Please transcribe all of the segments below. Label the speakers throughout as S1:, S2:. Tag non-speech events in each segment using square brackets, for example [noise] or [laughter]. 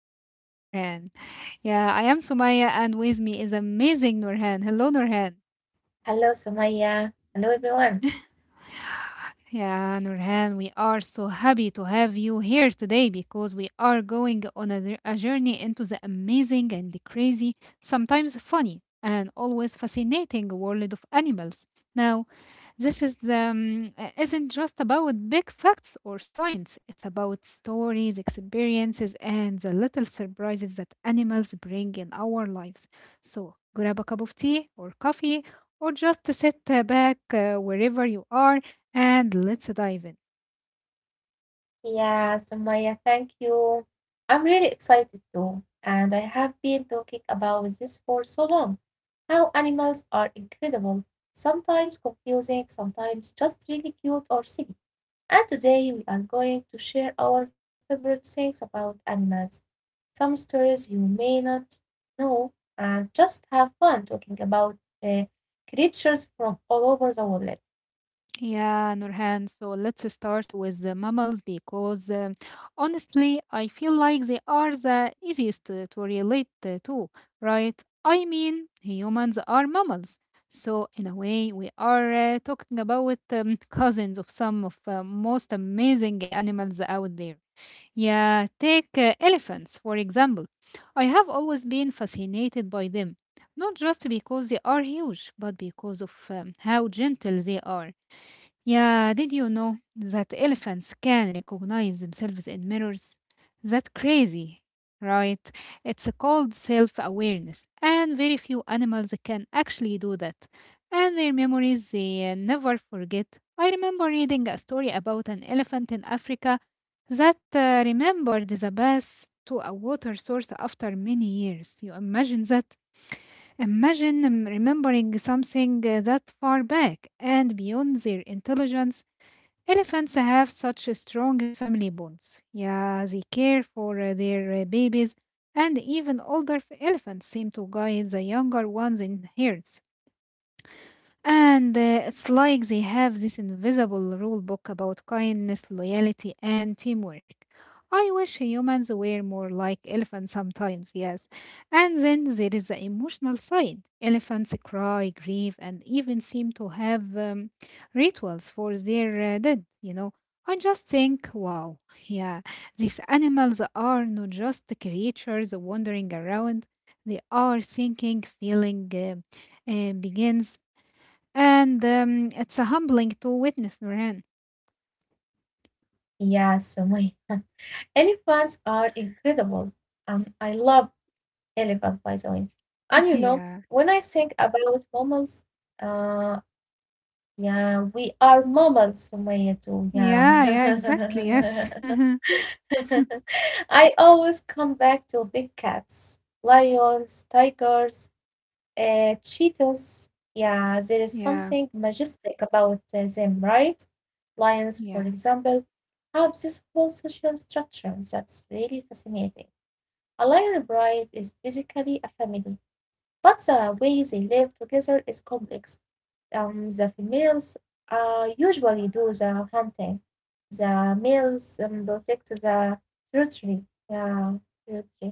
S1: Sumaya and Norhan. Yeah, I am Sumaya, and with me is amazing Norhan. Hello, Norhan.
S2: Hello, Sumaya. Hello,
S1: [laughs]
S2: everyone.
S1: Yeah, Nurhan, we are so happy to have you here today because we are going on a journey into the amazing and the crazy, sometimes funny, and always fascinating world of animals. Now, this is isn't just about big facts or science. It's about stories, experiences, and the little surprises that animals bring in our lives. So grab a cup of tea or coffee, or just sit back wherever you are, and let's dive in.
S2: Yeah, Sumaya, thank you. I'm really excited too, and I have been talking about this for so long. How animals are incredible, sometimes confusing, sometimes just really cute or silly. And today we are going to share our favorite things about animals, some stories you may not know, and just have fun talking about uh, creatures from all over the world.
S1: Yeah, Nurhan. So let's start with the mammals because honestly, I feel like they are the easiest to relate to, right? I mean, humans are mammals. So, in a way, we are talking about [laughs] cousins of some of most amazing animals out there. Yeah, take elephants, for example. I have always been fascinated by them, not just because they are huge, but because of how gentle they are. Yeah, did you know that elephants can recognize themselves in mirrors? That's crazy, right? It's called self awareness, and very few animals can actually do that. And their memories, they never forget. I remember reading a story about an elephant in Africa that remembered the bath to a water source after many years. You imagine that? Imagine remembering something that far back and beyond their intelligence. Elephants have such a strong family bonds. Yeah, they care for their babies, and even older elephants seem to guide the younger ones in herds. And it's like they have this invisible rule book about kindness, loyalty, and teamwork. I wish humans were more like elephants sometimes, yes. And then there is the emotional side. Elephants cry, grieve, and even seem to have rituals for their dead, you know. I just think, wow, yeah, these animals are not just creatures wandering around, they are thinking, feeling, begins, and it's a humbling to witness, Nurhan.
S2: Yeah, Sumaya. [laughs] Elephants are incredible, and I love elephants, by the way. And you
S1: [laughs]
S2: know,
S1: Yeah.
S2: when I think about mammals, uh, yeah, we are mammals, Sumaya, too. Yeah.
S1: Yeah, yeah, exactly. Yes. [laughs]
S2: [laughs] I always come back to big cats, lions, tigers, cheetahs. Yeah, there is
S1: Yeah.
S2: something majestic about them, right? Lions, for
S1: Yeah.
S2: example, have this whole social structure that's really fascinating. A Lyra bride is basically a family, but the way they live together is complex. The females usually do the hunting, the males protect the territory. Yeah, territory.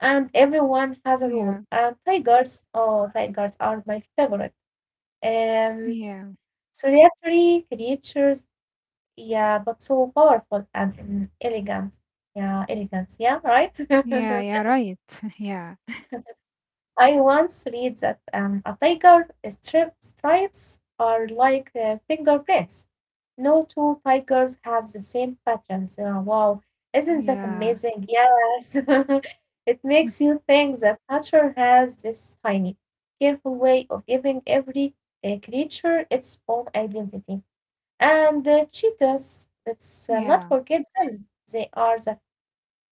S2: And everyone has a role.
S1: Yeah.
S2: And tigers, oh, tigers are my favorite. Um,
S1: Yeah.
S2: solitary creatures, yeah, but so powerful and elegant. Yeah, elegant. Yeah, right. [laughs]
S1: Yeah, yeah, right. [laughs] Yeah.
S2: I once read that a stripes are like fingerprints. No two tigers have the same patterns. Wow, isn't that
S1: Yeah.
S2: amazing? Yes. [laughs] It makes
S1: [laughs]
S2: you think that nature has this tiny, careful way of giving every creature its own identity. And the cheetahs, let's not
S1: Yeah.
S2: forget them. They are the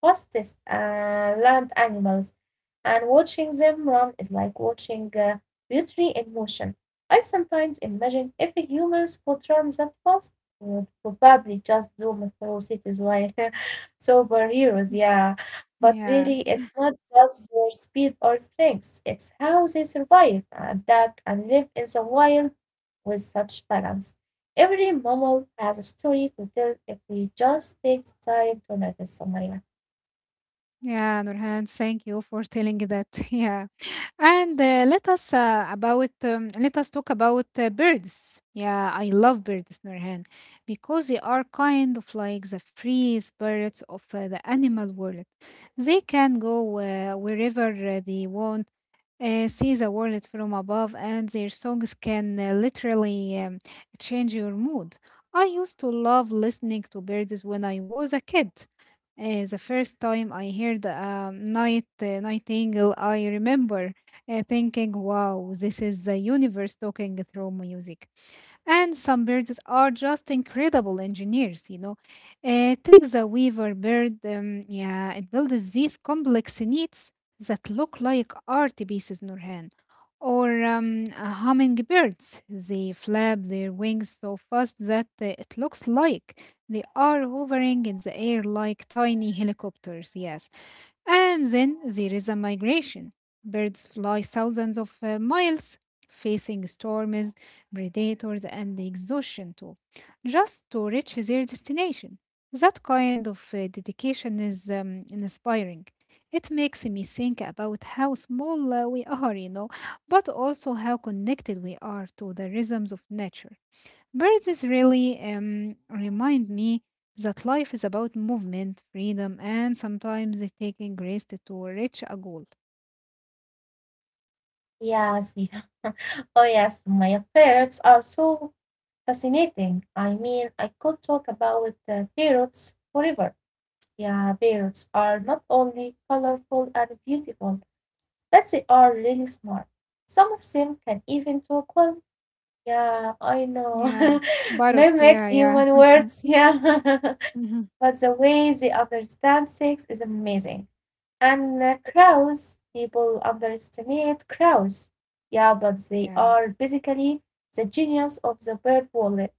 S2: fastest land animals, and watching them run is like watching beauty in motion. I sometimes imagine if humans could run that fast, we would probably just zoom through cities like [laughs] superheroes, yeah. But
S1: Yeah.
S2: really, it's not just their speed or strength, it's how they survive, adapt, and live in the wild with such balance. Every mammal has a story to tell if we just take the time to notice, Somalia.
S1: Yeah, Nurhan, thank you for telling that. [laughs] Yeah. And let us about let us talk about birds. Yeah, I love birds, Nurhan, because they are kind of like the free spirits of the animal world. They can go wherever they want, see the world from above, and their songs can literally change your mood. I used to love listening to birds when I was a kid. The first time I heard a nightingale, I remember thinking, "Wow, this is the universe talking through music." And some birds are just incredible engineers, you know. Take the weaver bird, yeah, it builds these complex needs that look like art pieces, Nurhan, or hummingbirds. They flap their wings so fast that it looks like they are hovering in the air like tiny helicopters, yes. And then there is a migration. Birds fly thousands of miles, facing storms, predators, and exhaustion too, just to reach their destination. That kind of dedication is inspiring. It makes me think about how small we are, you know, but also how connected we are to the rhythms of nature. Birds really remind me that life is about movement, freedom, and sometimes it's taking risk to reach a goal.
S2: Yes, yeah. [laughs] Oh, yes, my affairs are so fascinating. I mean, I could talk about the parrots forever. Yeah, parrots are not only colorful and beautiful, but they are really smart. Some of them can even talk well. Yeah, I know.
S1: Yeah,
S2: [laughs]
S1: parrots.
S2: Mimic
S1: Yeah, yeah, [laughs]
S2: human
S1: mhm.
S2: words. Yeah. [laughs]
S1: Mhm.
S2: But the way they understand sex is amazing. And crows, people underestimate crows. Yeah, but they
S1: Yeah,
S2: are basically the genius of the bird world.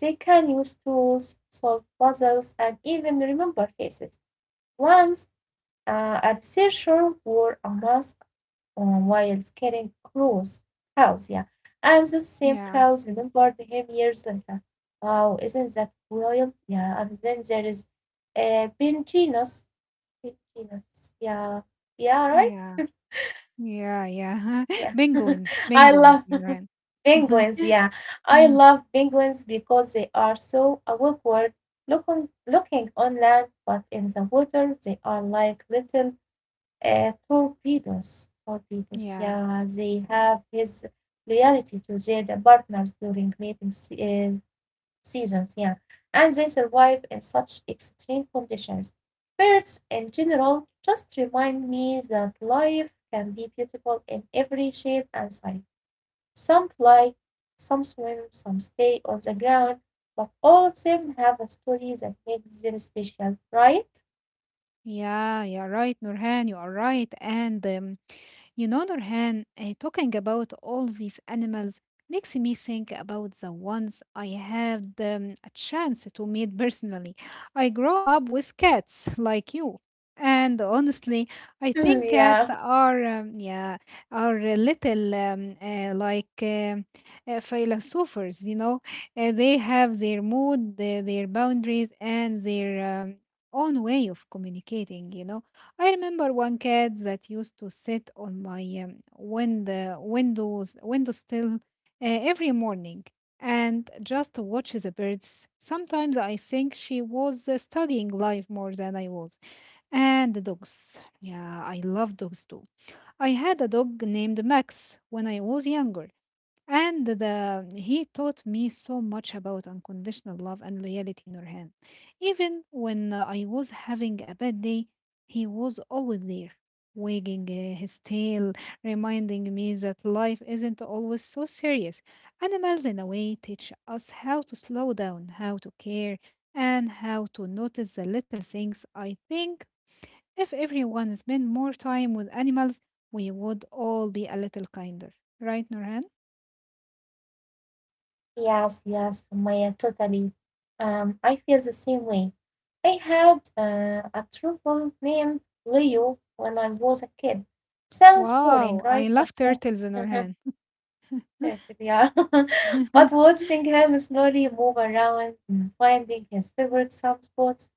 S2: They can use tools, solve puzzles, and even remember faces. Once, a researcher wore a mask while scaring crows. Crows, yeah. And those same
S1: yeah,
S2: crows remembered him years later. Wow, isn't that wild? Yeah, and then there is Benjinos. Benjinos, yeah. Yeah, right?
S1: yeah, yeah, yeah. [laughs]
S2: Yeah. [laughs]
S1: Penguins,
S2: I
S1: penguins,
S2: love
S1: right?
S2: [laughs]
S1: Mhm,
S2: penguins, yeah. I
S1: mhm.
S2: love penguins because they are so awkward looking, looking on land, but in the water they are like little torpedoes, torpedoes,
S1: Yeah.
S2: yeah, they have his loyalty to their partners during seasons, yeah, and they survive in such extreme conditions. Birds in general just remind me that life can be beautiful in every shape and size. Some fly, some swim, some stay on the ground, but all of them have a story that makes them special, right?
S1: Yeah, you're right, Nurhan. You are right. And you know, Nurhan, talking about all these animals makes me think about the ones I had a chance to meet personally. I grew up with cats [laughs] like you. And honestly, I
S2: [laughs]
S1: think
S2: yeah.
S1: cats are, are a little philosophers, you know. They have their mood, their boundaries, and their um, own way of communicating, you know. I remember one cat that used to sit on my window sill every morning and just watch the birds. Sometimes I think she was studying life more than I was. And the dogs. Yeah, I love dogs too. I had a dog named Max when I was younger. And the he taught me so much about unconditional love and loyalty, Nurhan. Even when I was having a bad day, he was always there, wagging his tail, reminding me that life isn't always so serious. Animals, in a way, teach us how to slow down, how to care, and how to notice the little things. I think if everyone spent more time with animals, we would all be a little kinder, right, Nurhan?
S2: Yes, yes, Maya, totally. I feel the same way. I had a truffle named Leo when I was a kid. Sounds boring,
S1: Wow,
S2: right?
S1: I
S2: But
S1: love
S2: [laughs] oh,
S1: turtles in
S2: mhm,
S1: Orhan.
S2: that's it, yeah. [laughs] But
S1: [laughs]
S2: watching him slowly move around and finding his favorite soft spots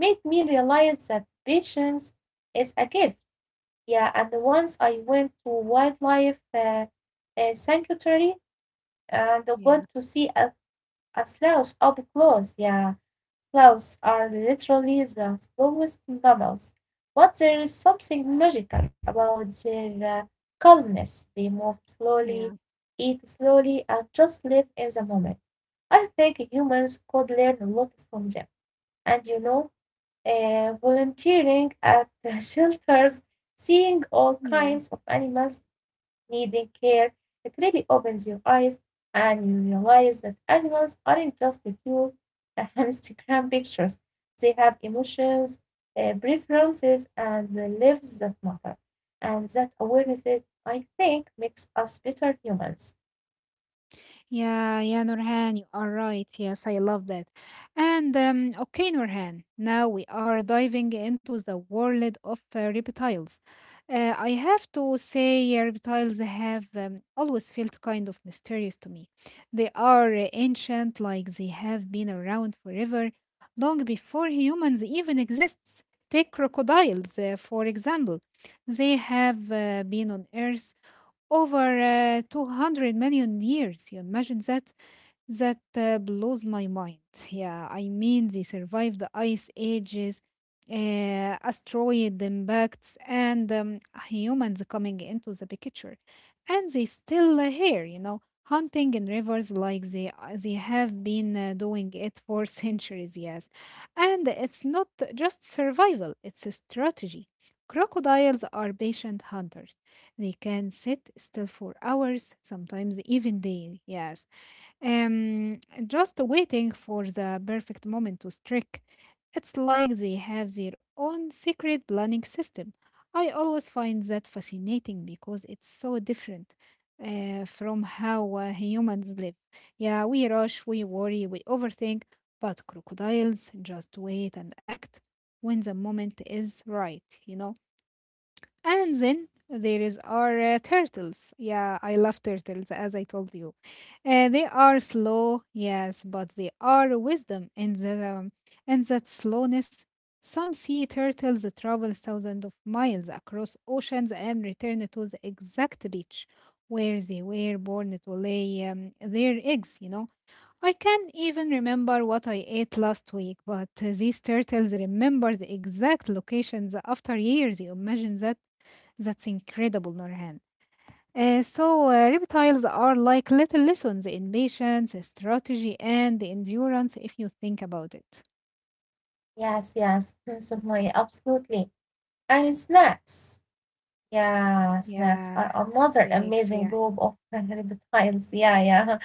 S2: made me realize that patience is a gift. Yeah, and once I went to wildlife sanctuary and got
S1: Yeah,
S2: to see a slough up close, yeah. Sloughs are literally the slowest mammals, but there is something magical about their calmness. They move slowly,
S1: yeah,
S2: eat slowly, and just live in the moment. I think humans could learn a lot from them. And you know, volunteering at the [laughs] shelters, seeing all kinds
S1: yeah.
S2: of animals needing care, it really opens your eyes and you realize that animals aren't just cute Instagram [laughs] pictures. They have emotions, preferences, and the lives that matter. And that awareness, is, I think, makes us better humans.
S1: Yeah, yeah, Nurhan, you are right. Yes, I love that. And okay, Nurhan, now we are diving into the world of reptiles. I have to say, reptiles have always felt kind of mysterious to me. They are ancient, like they have been around forever, long before humans even exists. Take crocodiles, for example. They have been on Earth over 200 million years. You imagine that? That blows my mind. Yeah, I mean, they survived the ice ages, asteroid impacts, and humans coming into the picture. And they still here, you know, hunting in rivers like they have been doing it for [laughs] centuries, yes. And it's not just survival, it's a strategy. Crocodiles are patient hunters. They can sit still for hours, sometimes even days. Yes, um, just waiting for the perfect moment to strike. It's like they have their own secret planning system. I always find that fascinating because it's so different from how humans live. Yeah, we rush, we worry, we overthink, but crocodiles just wait and act when the moment is right, you know. And then there is our turtles. Yeah, I love turtles, as I told you. They are slow, yes, but they are wisdom in the in that slowness. Some sea turtles travel thousands of miles across oceans and return to the exact beach where they were born to lay their eggs. You know, I can't even remember what I ate last week, but these turtles remember the exact locations after years. You imagine that, that's incredible, Norhan. So, reptiles are like little lessons in patience, strategy, and endurance if you think about it.
S2: Yes, yes, [laughs] so my absolutely. And snacks. Yeah, snacks are
S1: Yeah,
S2: another
S1: snakes,
S2: amazing
S1: yeah,
S2: group of [laughs] reptiles. Yeah, yeah.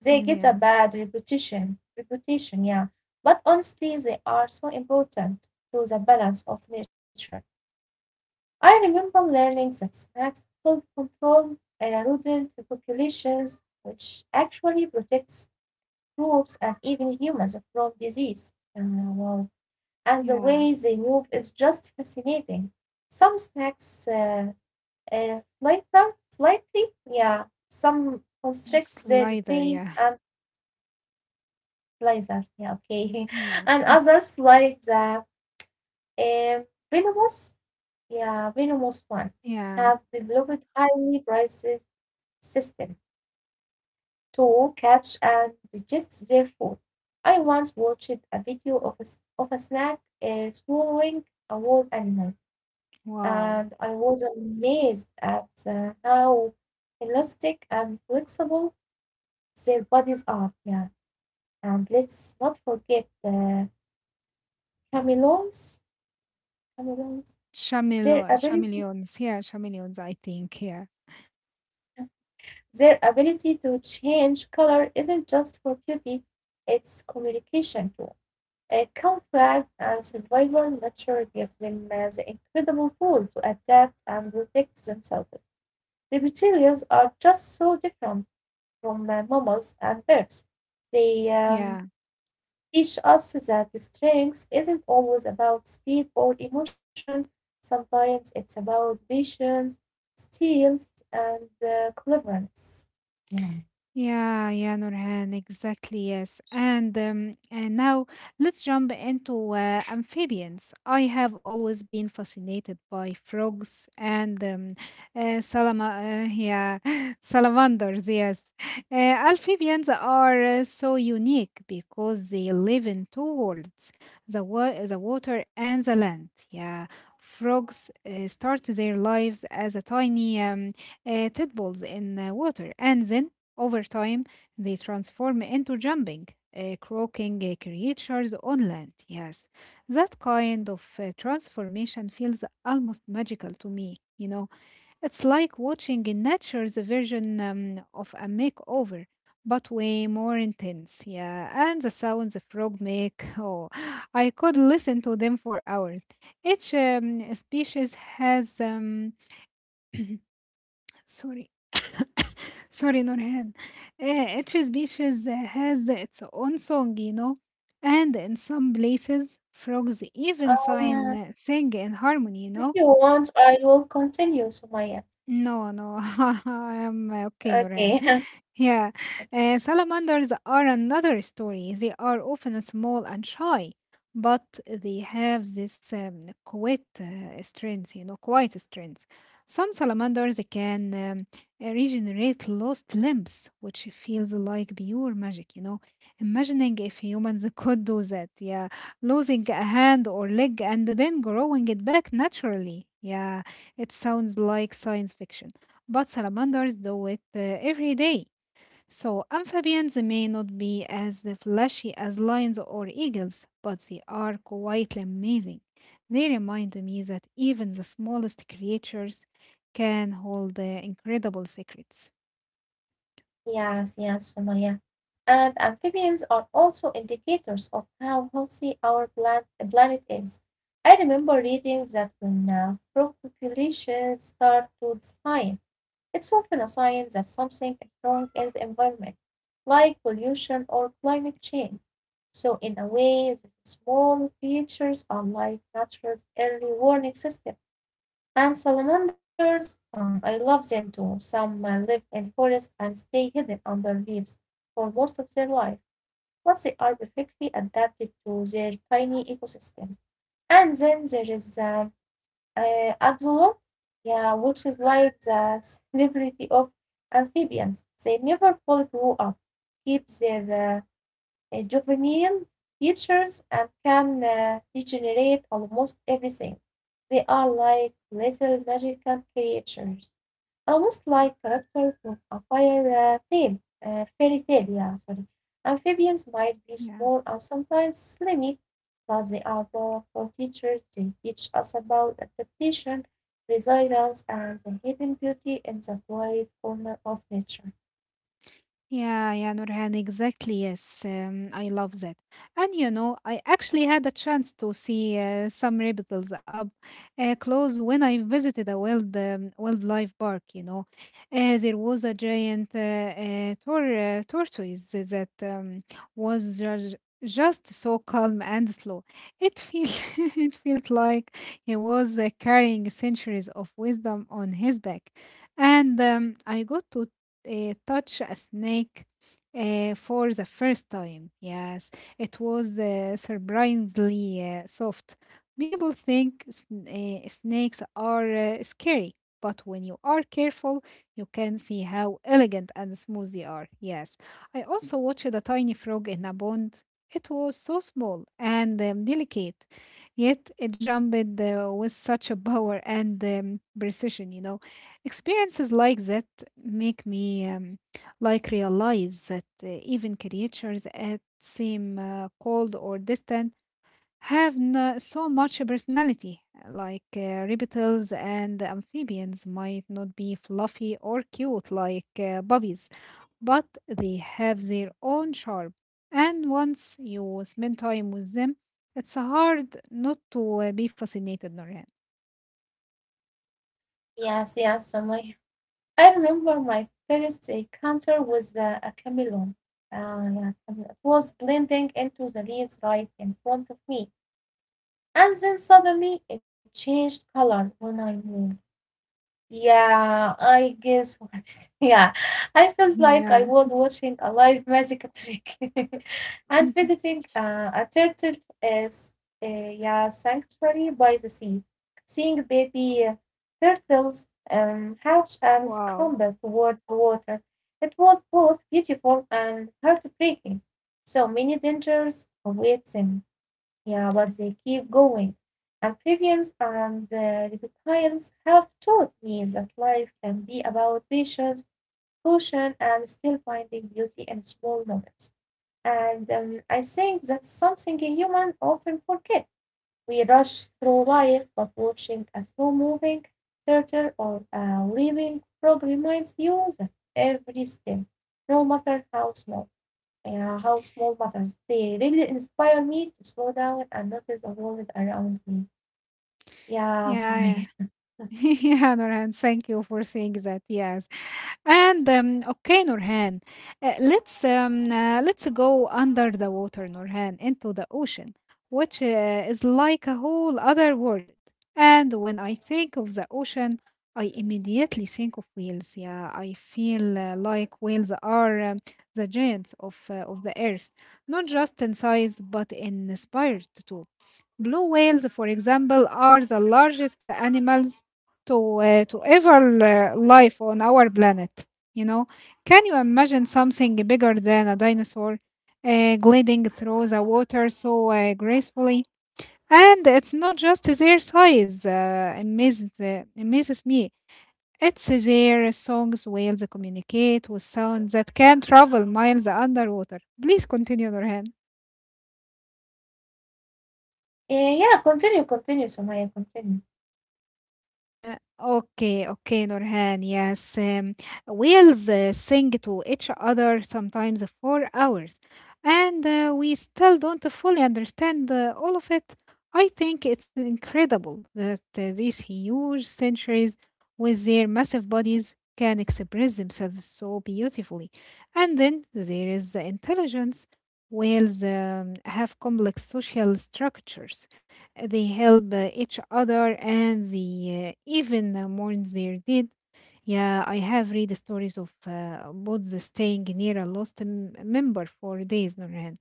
S2: They get a
S1: yeah,
S2: bad reputation reputation, yeah. But honestly they are so important to the balance of nature. I remember learning that snakes help control rodent populations, which actually protects crops and even humans from disease. Wow. And the
S1: yeah.
S2: way they move is just fascinating. Some snakes, flicker slightly, yeah. Some
S1: A
S2: constrict their
S1: slider,
S2: prey,
S1: yeah,
S2: and Blazer, yeah, okay.
S1: yeah,
S2: [laughs] And others like the um, venomous, yeah, venomous one,
S1: yeah.
S2: have developed highly precise system to catch and digest their food. I once watched a video of of a snack swallowing a wild animal,
S1: Wow.
S2: and I was amazed at how elastic and flexible their bodies are. Yeah, and let's not forget the chameleons Cameroons. Their
S1: Chamelo
S2: ability
S1: chameleons, yeah, chameleons, I think, yeah,
S2: their ability to change color isn't just for beauty, it's communication too. A camouflage and survival nature gives them the incredible tool to adapt and protect themselves. Reptilians are just so different from mammals and birds. They
S1: yeah.
S2: teach us that the strength isn't always about speed or emotion. Sometimes it's about patience, skills, and cleverness. Yeah.
S1: Yeah, yeah, Nurhan, exactly, yes. And now let's jump into amphibians. I have always been fascinated by frogs and yeah, [laughs] salamanders. Yes, amphibians are so unique because they live in two worlds: the water and the land. Yeah, frogs start their lives as a tiny tadpoles in water, and then over time, they transform into jumping, croaking creatures on land. Yes, that kind of transformation feels almost magical to me. You know, it's like watching in nature's version of a makeover, but way more intense. Yeah, and the sounds a frog make, [laughs] oh, I could listen to them for hours. Each species has, [clears throat] sorry. Sorry, Nurhan. Each species has its own song, you know, and in some places, frogs even
S2: Um,
S1: sing in harmony, you know.
S2: if you want, I will continue, Sumaya.
S1: No, no, [laughs] I am okay,
S2: Okay.
S1: Noreen.
S2: [laughs]
S1: [laughs] Yeah, salamanders are another story. They are often small and shy, but they have this quiet strength, you know, quiet strength. Some salamanders can regenerate lost limbs, which feels like pure magic, you know. Imagining if humans could do that, yeah, losing a hand or leg and then growing it back naturally, yeah. It sounds like science fiction, but salamanders do it every day. So amphibians may not be as flashy as lions or eagles, but they are quite amazing. They remind me that even the smallest creatures can hold incredible secrets.
S2: Yes, yes, Sumaya. And amphibians are also indicators of how healthy planet is. I remember reading that when frog populations start to decline, it's often a sign that something is wrong in the environment, like pollution or climate change. So, in a way, these small creatures are like nature's early warning system. And salamanders, I love them too. Some live in forests and stay hidden under leaves for most of their life, but they are perfectly adapted to their tiny ecosystems. And then there is adult, yeah, which is like the celebrity of amphibians. They never fully grow up, keep their juvenile features, and can regenerate almost everything. They are like little magical creatures. Almost like characters from a fairy tale, yeah, sorry. Amphibians might be
S1: Yeah.
S2: small and sometimes slimy, but they are powerful teachers. They teach us about adaptation, resilience, and the hidden beauty in the quiet corner of nature.
S1: Yeah, yeah, Nurhan, exactly. Yes, I love that. And you know, I actually had a chance to see some reptiles up close when I visited a wildlife park. You know, there was a giant tortoise that was just so calm and slow. It felt [laughs] it felt like he was carrying centuries of wisdom on his back, and I got to touch a snake for the first time. Yes, it was surprisingly soft. People think snakes are scary, but when you are careful, you can see how elegant and smooth they are. Yes, I also watched a tiny frog in a pond. It was so small and delicate, yet it jumped with such a power and precision, Experiences like that make me realize that even creatures that seem cold or distant have no, so much personality. Like reptiles and amphibians might not be fluffy or cute like puppies, but they have their own charm. And once you spend time with them, it's hard not to be fascinated, Noreen.
S2: Yes, yes, so my, I remember my first encounter with a chameleon. Yeah, chameleon. It was blending into the leaves right in front of me. And then suddenly it changed color when I moved. Yeah, I guess what? [laughs] Yeah, I felt like I
S1: Yeah.
S2: was watching a live magic trick [laughs] and
S1: [laughs]
S2: visiting a turtle as a yeah, sanctuary by the sea, seeing baby turtles hatch and scramble
S1: Wow.
S2: towards the water. It was both beautiful and heartbreaking. So many dangers await them. Yeah, but they keep going. Amphibians and reptilians have taught me that life can be about patience, caution, and still finding beauty in small moments. And I think that's something a human often forget. We rush through life, but watching a slow moving theater or a living frog reminds you that every step, no matter how small, matters. They really inspire me to slow down and notice the world around me. Yeah,
S1: Yeah, yeah.
S2: Sumaya.
S1: [laughs] Yeah, Nurhan, thank you for saying that. Yes, and okay, Nurhan, let's go under the water, Nurhan, into the ocean, which is like a whole other world. And when I think of the ocean, I immediately think of whales. Yeah, I feel like whales are the giants of of the earth, not just in size but in spirit too. Blue whales, for example, are the largest animals to ever live on our planet. You know, can you imagine something bigger than a dinosaur gliding through the water so gracefully? And it's not just their size amazes me. It's their songs, whales communicate with sounds that can travel miles underwater. Please continue, Norhan.
S2: Uh, yeah, continue, continue, Sumaya, continue.
S1: Okay, okay, Nurhan. Yes, whales sing to each other sometimes for hours, and we still don't fully understand all of it. I think it's incredible that these huge centuries, with their massive bodies, can express themselves so beautifully. And then there is the intelligence. Whales have complex social structures. They help each other, and they even mourn their dead. Yeah, I have read stories of boats staying near a lost member for days, Nurhan.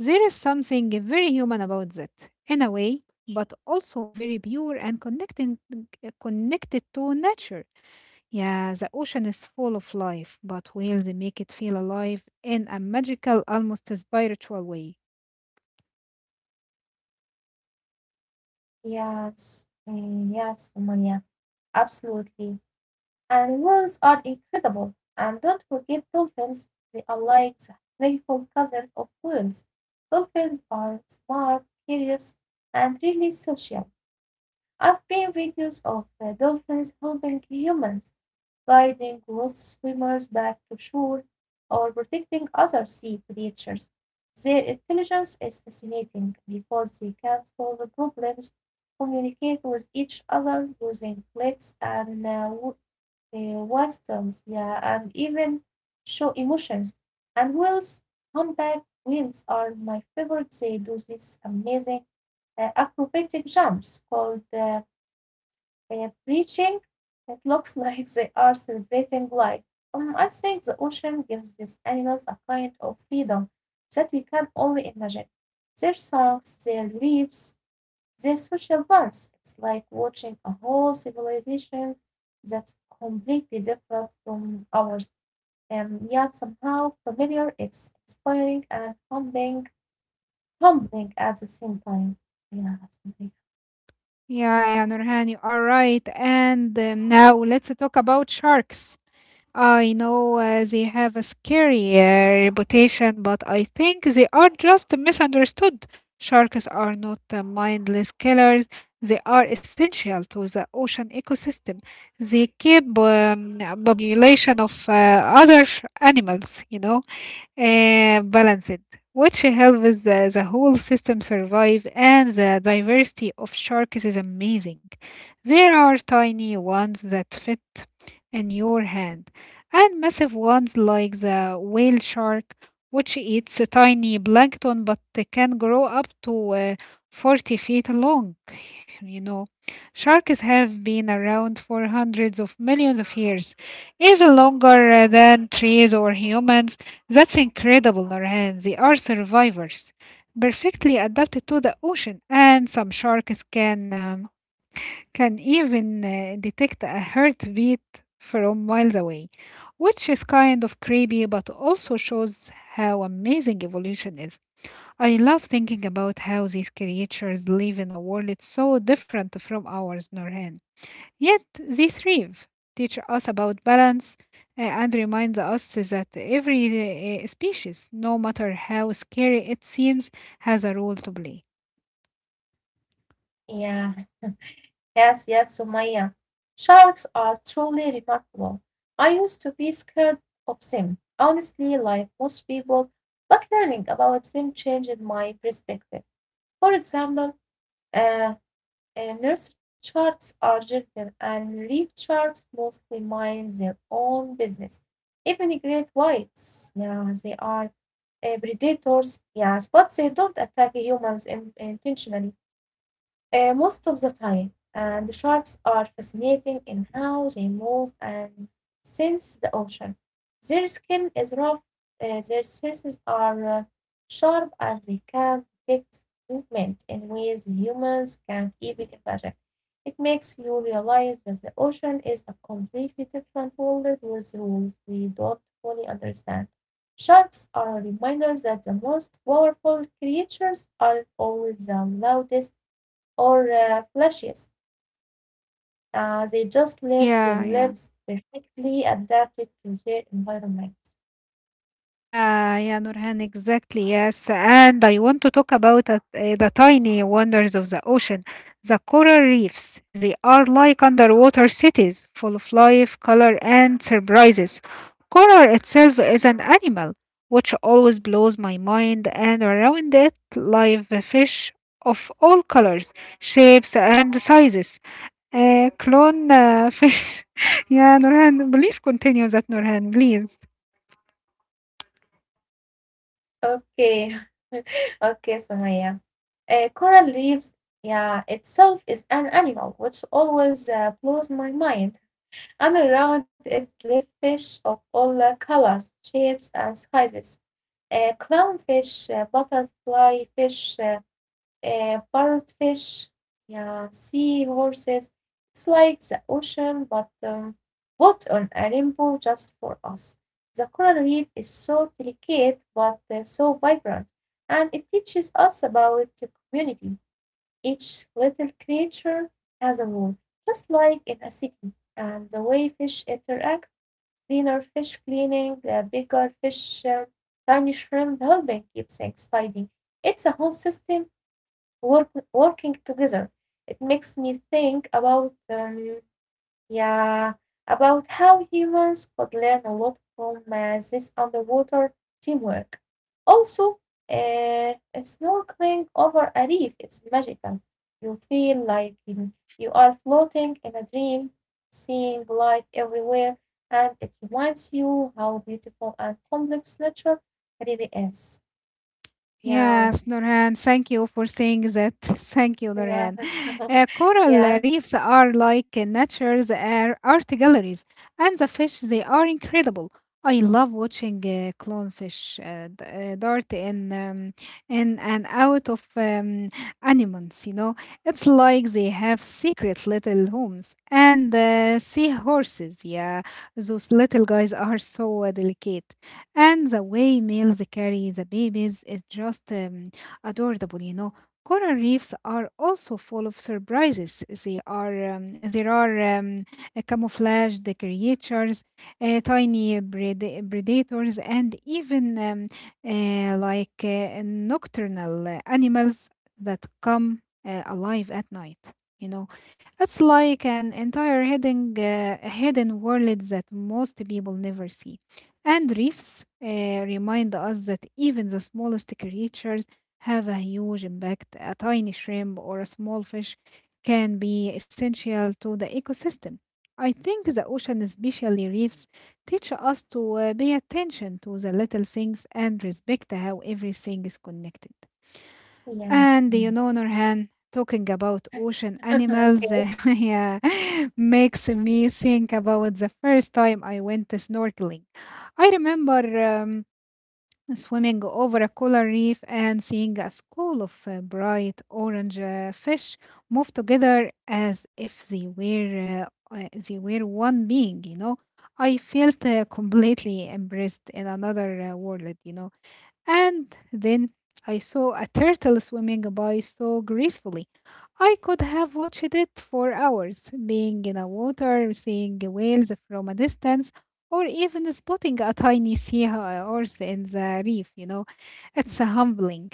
S1: There is something very human about that, in a way, but also very pure and connected to nature. Yeah, the ocean is full of life, but whales make it feel alive in a magical, almost spiritual way.
S2: Yes, yes, Sumaya, absolutely. And words are incredible. And don't forget dolphins. They are like the playful cousins of whales. Dolphins are smart, curious, and really social. I've seen videos of dolphins helping humans, guiding lost swimmers back to shore, or protecting other sea creatures. Their intelligence is fascinating because they can solve problems, communicate with each other using clicks and whistles, yeah, and even show emotions. And whales, humpback whales are my favorite. They do these amazing acrobatic jumps called preaching, it looks like they are celebrating life. I think the ocean gives these animals a kind of freedom that we can only imagine. Their songs, their leaves, their social bonds. It's like watching a whole civilization that's completely different from ours, and yet somehow familiar. It's inspiring and humbling, humbling at the same time. Yeah, something.
S1: Yeah, yeah, Nurhan, you are right. And now let's talk about sharks. I know they have a scary reputation, but I think they are just misunderstood. Sharks are not mindless killers, they are essential to the ocean ecosystem. They keep a population of other animals, you know, balanced, which helps the whole system survive, and the diversity of sharks is amazing. There are tiny ones that fit in your hand, and massive ones like the whale shark, which eats a tiny plankton, but they can grow up to 40 feet long. [sighs] You know, sharks have been around for hundreds of millions of years, even longer than trees or humans. That's incredible, Norhan. They are survivors, perfectly adapted to the ocean, and some sharks can even detect a heartbeat from miles away, which is kind of creepy, but also shows how amazing evolution is. I love thinking about how these creatures live in a world so different from ours, Norhan. Yet these reef teach us about balance and remind us that every species, no matter how scary it seems, has a role to play.
S2: Yeah. Yes, yes, Sumaya. Sharks are truly remarkable. I used to be scared of them, honestly, like most people, but learning about them changed my perspective. For example, uh, nurse sharks are gentle and reef sharks mostly mind their own business. Even great whites, yeah, they are predators, yes, but they don't attack humans intentionally. Most of the time, and the sharks are fascinating in how they move and sense the ocean. Their skin is rough, their senses are sharp, and they can detect movement in ways humans can't even imagine. It makes you realize that the ocean is a completely different world with rules we don't fully understand. Sharks are a reminder that the most powerful creatures aren't always the loudest or flashiest. They just live their
S1: Yeah,
S2: lives
S1: yeah.
S2: perfectly adapted to their environment.
S1: Yeah, yeah, Nurhan, exactly. Yes. And I want to talk about the tiny wonders of the ocean, the coral reefs. They are like underwater cities full of life, color, and surprises. Coral itself is an animal, which always blows my mind, and around it live fish of all colors, shapes, and sizes. Clone [laughs] fish. Yeah, Nurhan, please continue that, Nurhan, please.
S2: Okay, [laughs] okay, Sumaya. Coral reefs, yeah, itself is an animal, which always blows my mind. And around it live fish of all colors, shapes, and sizes. Clownfish, butterfly fish, parrotfish, yeah, sea horses. It's like the ocean, but what on a rainbow just for us. The coral reef is so delicate but so vibrant, and it teaches us about the community. Each little creature has a role, just like in a city, and the way fish interact, cleaner fish cleaning, bigger fish, tiny shrimp helping keep things tidy. It's a whole working together. It makes me think about yeah, about how humans could learn a lot from this underwater teamwork. Also, snorkeling over a reef is magical. You feel like you are floating in a dream, seeing life everywhere, and it reminds you how beautiful and complex nature really is.
S1: Yes,
S2: Yeah,
S1: Nurhan, thank you for saying that. [laughs] Thank you, Nurhan.
S2: yeah,
S1: Coral
S2: [laughs] yeah.
S1: reefs are like nature's art galleries, and the fish, they are incredible. I love watching clownfish dart in and out of anemones, It's like they have secret little homes. And seahorses, yeah, those little guys are so delicate. And the way males carry the babies is just adorable, Coral reefs are also full of surprises. They are there are camouflaged creatures, tiny predators, and even nocturnal animals that come alive at night. You know, it's like an entire hidden world that most people never see. And reefs remind us that even the smallest creatures have a huge impact. A tiny shrimp or a small fish can be essential to the ecosystem. I think the ocean, especially reefs, teach us to pay attention to the little things and respect how everything is connected.
S2: Yes,
S1: And you know,
S2: yes.
S1: Norhan, talking about ocean
S2: [laughs]
S1: animals
S2: Okay.
S1: [laughs] yeah, makes me think about the first time I went snorkeling. I remember swimming over a coral reef and seeing a school of bright orange fish move together as if they were one being. You know, I felt completely embraced in another world. You know, and then I saw a turtle swimming by so gracefully. I could have watched it for hours, being in the water, seeing whales from a distance, or even spotting a tiny sea horse in the reef, you know. It's humbling.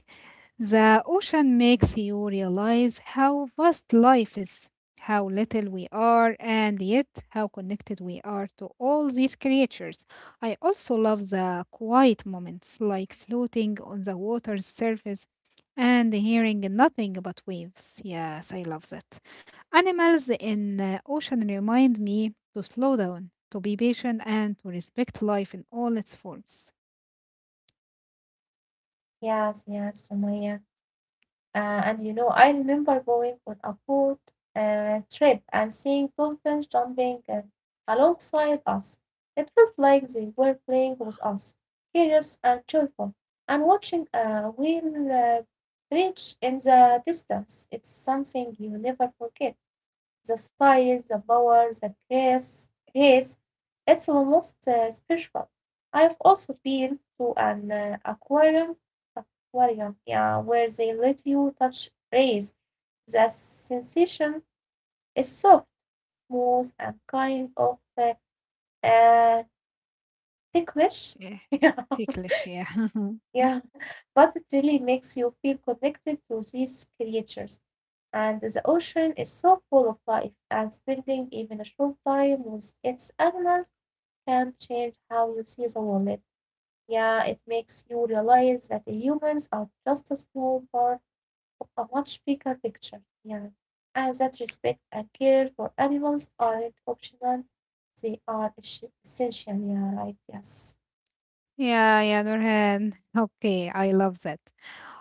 S1: The ocean makes you realize how vast life is, how little we are, and yet how connected we are to all these creatures. I also love the quiet moments, like floating on the water's surface and hearing nothing but waves. Yes, I love that. Animals in the ocean remind me to slow down, to be patient, and to respect life in all its forms.
S2: Yes, yes, Sumaya. And you know, I remember going on a boat trip and seeing dolphins jumping alongside us. It felt like they were playing with us, curious and joyful, and watching a whale breach in the distance. It's something you never forget. The size, the power, the grace. It's almost spiritual. I've also been to an aquarium, yeah, where they let you touch rays. The sensation is soft, smooth, and kind of uh, ticklish.
S1: Eh,
S2: [laughs] Yeah,
S1: ticklish, yeah. [laughs]
S2: yeah, but it really makes you feel connected to these creatures. And the ocean is so full of life, and spending even a short time with its animals can change how you see the world. Yeah, it makes you realize that the humans are just a small part of a much bigger picture. Yeah, and that respect and care for animals aren't optional, they are essential. Yeah, right. Yes.
S1: Yeah, yeah, Nurhan. Okay, I love that.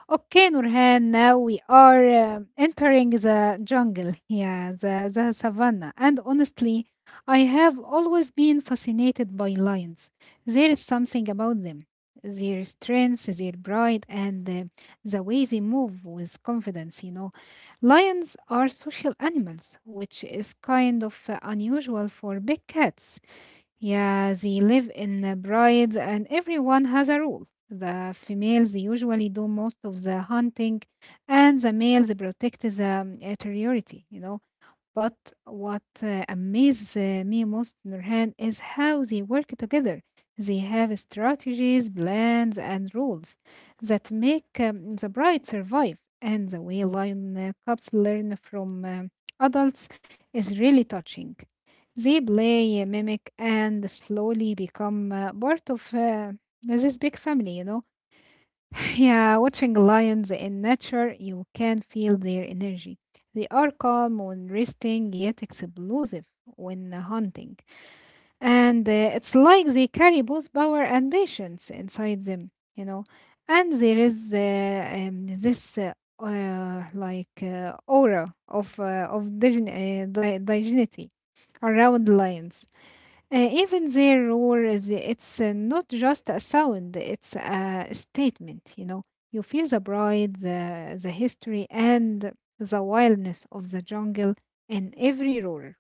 S1: Okay, Nurhan, now we are entering the jungle, yeah, the savannah. And honestly, I have always been fascinated by lions. There is something about them, their strength, their pride, and the way they move with confidence, you know. Lions are social animals, which is kind of unusual for big cats. Yeah, they live in brides, and everyone has a role. The females usually do most of the hunting, and the males protect the territory, you know. But what amazes me most, Nurhan, is how they work together. They have strategies, plans, and rules that make the bride survive. And the way lion cubs learn from adults is really touching. They play, mimic, and slowly become part of this big family, you know. [laughs] Yeah, watching lions in nature, you can feel their energy. They are calm when resting, yet explosive when hunting. And it's like they carry both power and patience inside them, you know. And there is this like aura of dignity around lions. Even their roar, is it's not just a sound, it's a statement, you know. You feel the pride, the history, and the wildness of the jungle in every roar.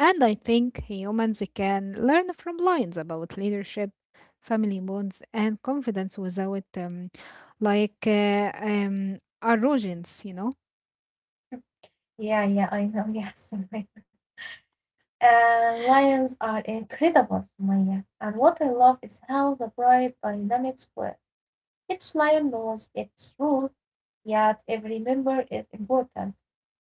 S1: And I think humans can learn from lions about leadership, family bonds, and confidence without like uh, um, arrogance, you know.
S2: Yeah, yeah, I know. Yes. [laughs] Right. And lions are incredible, Sumaya. And what I love is how the bright dynamics work. Each lion knows its role, yet every member is important.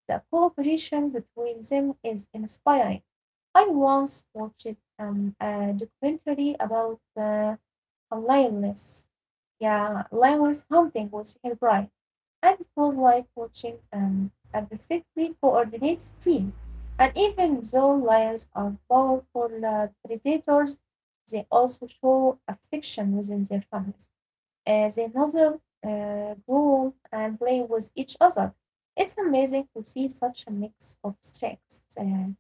S2: The cooperation between them is inspiring. I once watched a documentary about a lioness. Yeah, lioness hunting with her pride, and it was like watching a perfectly coordinated team. And even though lions are powerful predators, they also show affection within their families. Uh, they nuzzle, growl, and play with each other. It's amazing to see such a mix of strengths,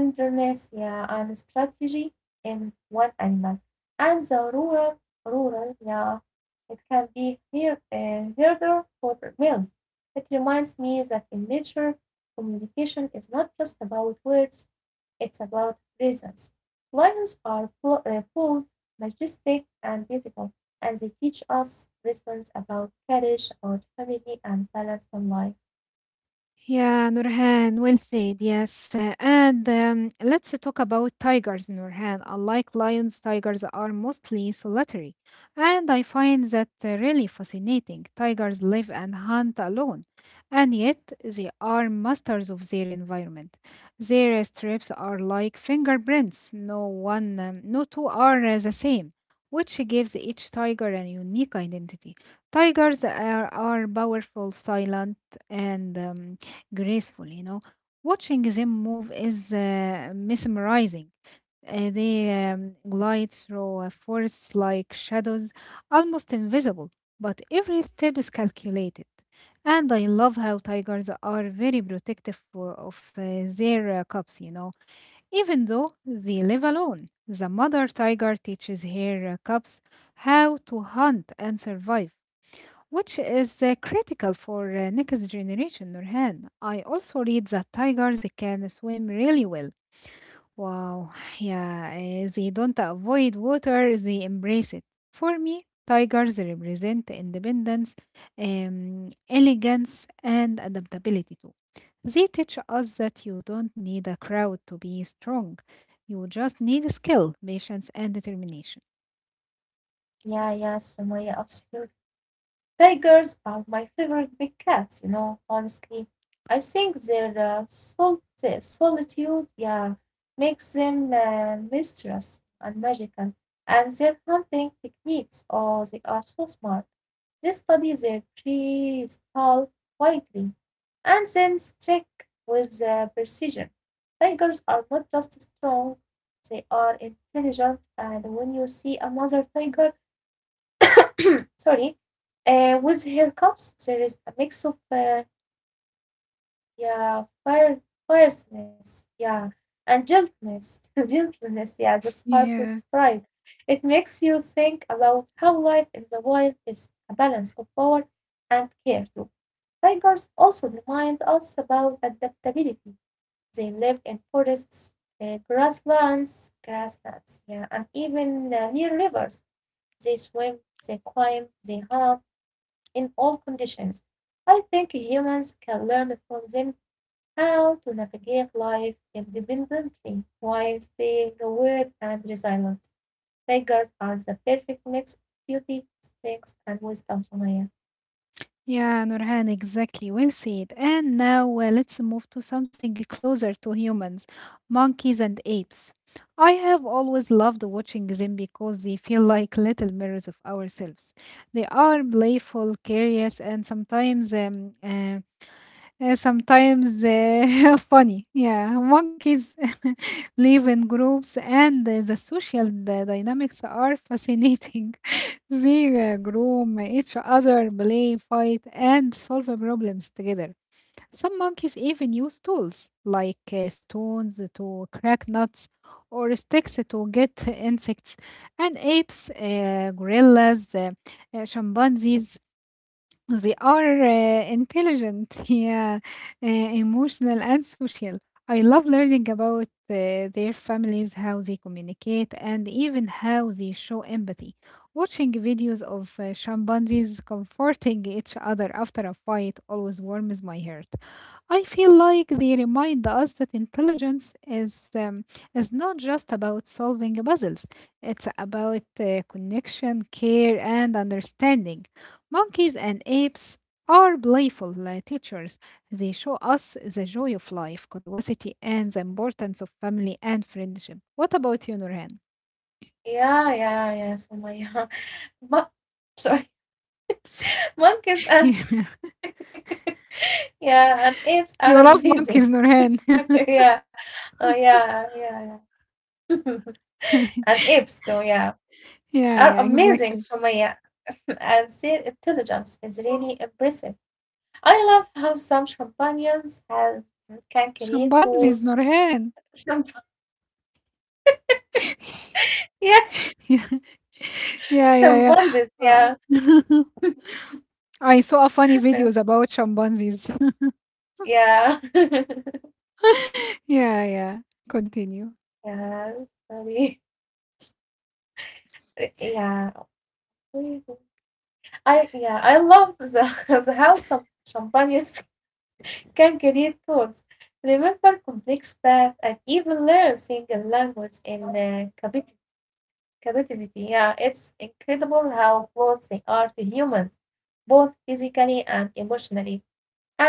S2: tenderness, yeah, and strategy in one animal. And the rural, yeah, it can be heard for males. It reminds me that in nature communication is not just about words, it's about presence. Lions are full, majestic, and beautiful, and they teach us lessons about courage, about family, and balance in life.
S1: Yeah, Nurhan, well said. Yes. And let's talk about tigers, Nurhan. Unlike lions, tigers are mostly solitary. And I find that really fascinating. Tigers live and hunt alone, and yet they are masters of their environment. Their stripes are like fingerprints. No two are the same, which gives each tiger a unique identity. Tigers are powerful, silent, and graceful, you know. Watching them move is mesmerizing. They glide through forests like shadows, almost invisible, but every step is calculated. And I love how tigers are very of their cubs, you know, even though they live alone. The mother tiger teaches her cubs how to hunt and survive, which is critical for next generation, Nurhan. I also read that tigers can swim really well. Wow, [sighs] yeah, they don't avoid water, they embrace it. For me, tigers represent independence, elegance, and adaptability too. They teach us that you don't need a crowd to be strong. You just need skill, patience, and determination.
S2: Yeah, yeah, Sumaya, absolutely. Tigers are my favorite big cats, you know, honestly. I think their solitude, yeah, makes them mysterious and magical. And their hunting techniques, oh, they are so smart. They study their prey, all quietly, and then strike with precision. Tigers are not just strong, they are intelligent. And when you see a mother tiger, [coughs] sorry, with her cups, there is a mix of yeah, fire, fierceness, yeah, and [laughs] gentleness. Yeah, that's hard to
S1: Yeah.
S2: describe. It makes you think about how life in the wild is a balance of power and care too. Tigers also remind us about adaptability. They live in forests, grasslands, yeah, and even near rivers. They swim, they climb, they hunt, in all conditions. I think humans can learn from them how to navigate life independently while staying aware and resilient. Tigers are the perfect mix of beauty, strength, and wisdom, Sumaya.
S1: Yeah, Nurhan, exactly. Well said. And now let's move to something closer to humans, monkeys and apes. I have always loved watching them because they feel like little mirrors of ourselves. They are playful, curious, and sometimes [laughs] funny. Yeah, monkeys [laughs] live in groups, and the social dynamics are fascinating. Zira, groom, each other play, fight, and solve problems together. Some monkeys even use tools like stones to crack nuts or sticks to get [laughs] insects, and apes, gorillas, chimpanzees they are intelligent, [laughs] yeah, emotional, and social. I love learning about their families, how they communicate, and even how they show empathy. Watching videos of chimpanzees comforting each other after a fight always warms my heart. I feel like they remind us that intelligence is not just about solving puzzles. It's about connection, care, and understanding. Monkeys and apes are playful teachers. They show us the joy of life, curiosity, and the importance of family and friendship. What about you, Nurhan?
S2: Yeah, yeah, yeah, Sumaya. [laughs] But sorry, [laughs] monkeys and
S1: [laughs]
S2: yeah, and
S1: Yeah.
S2: apes
S1: You love
S2: are
S1: monkeys,
S2: amazing.
S1: Nurhan.
S2: [laughs] Yeah, oh yeah, yeah, yeah. [laughs] And
S1: [laughs]
S2: apes too, yeah,
S1: Yeah,
S2: are
S1: yeah,
S2: amazing,
S1: exactly.
S2: Sumaya. [laughs] And their intelligence is really impressive. I love how some champagnes have can create
S1: Chimpanzees,
S2: those
S1: Nurhan.
S2: champ
S1: [laughs]
S2: [laughs] yes,
S1: Yeah, yeah, yeah, yeah.
S2: champagnes,
S1: Uh,
S2: yeah. [laughs]
S1: [laughs] I saw funny videos about chimpanzees.
S2: Yeah. [laughs] Yeah,
S1: [laughs] Yeah, yeah. Continue.
S2: yes, sorry. Yeah. we- I, yeah, I love the [laughs] the how some champagnes [laughs] can create thoughts. Remember complex path and even learn single language in captivity. Yeah, it's incredible how close they are to humans, both physically and emotionally.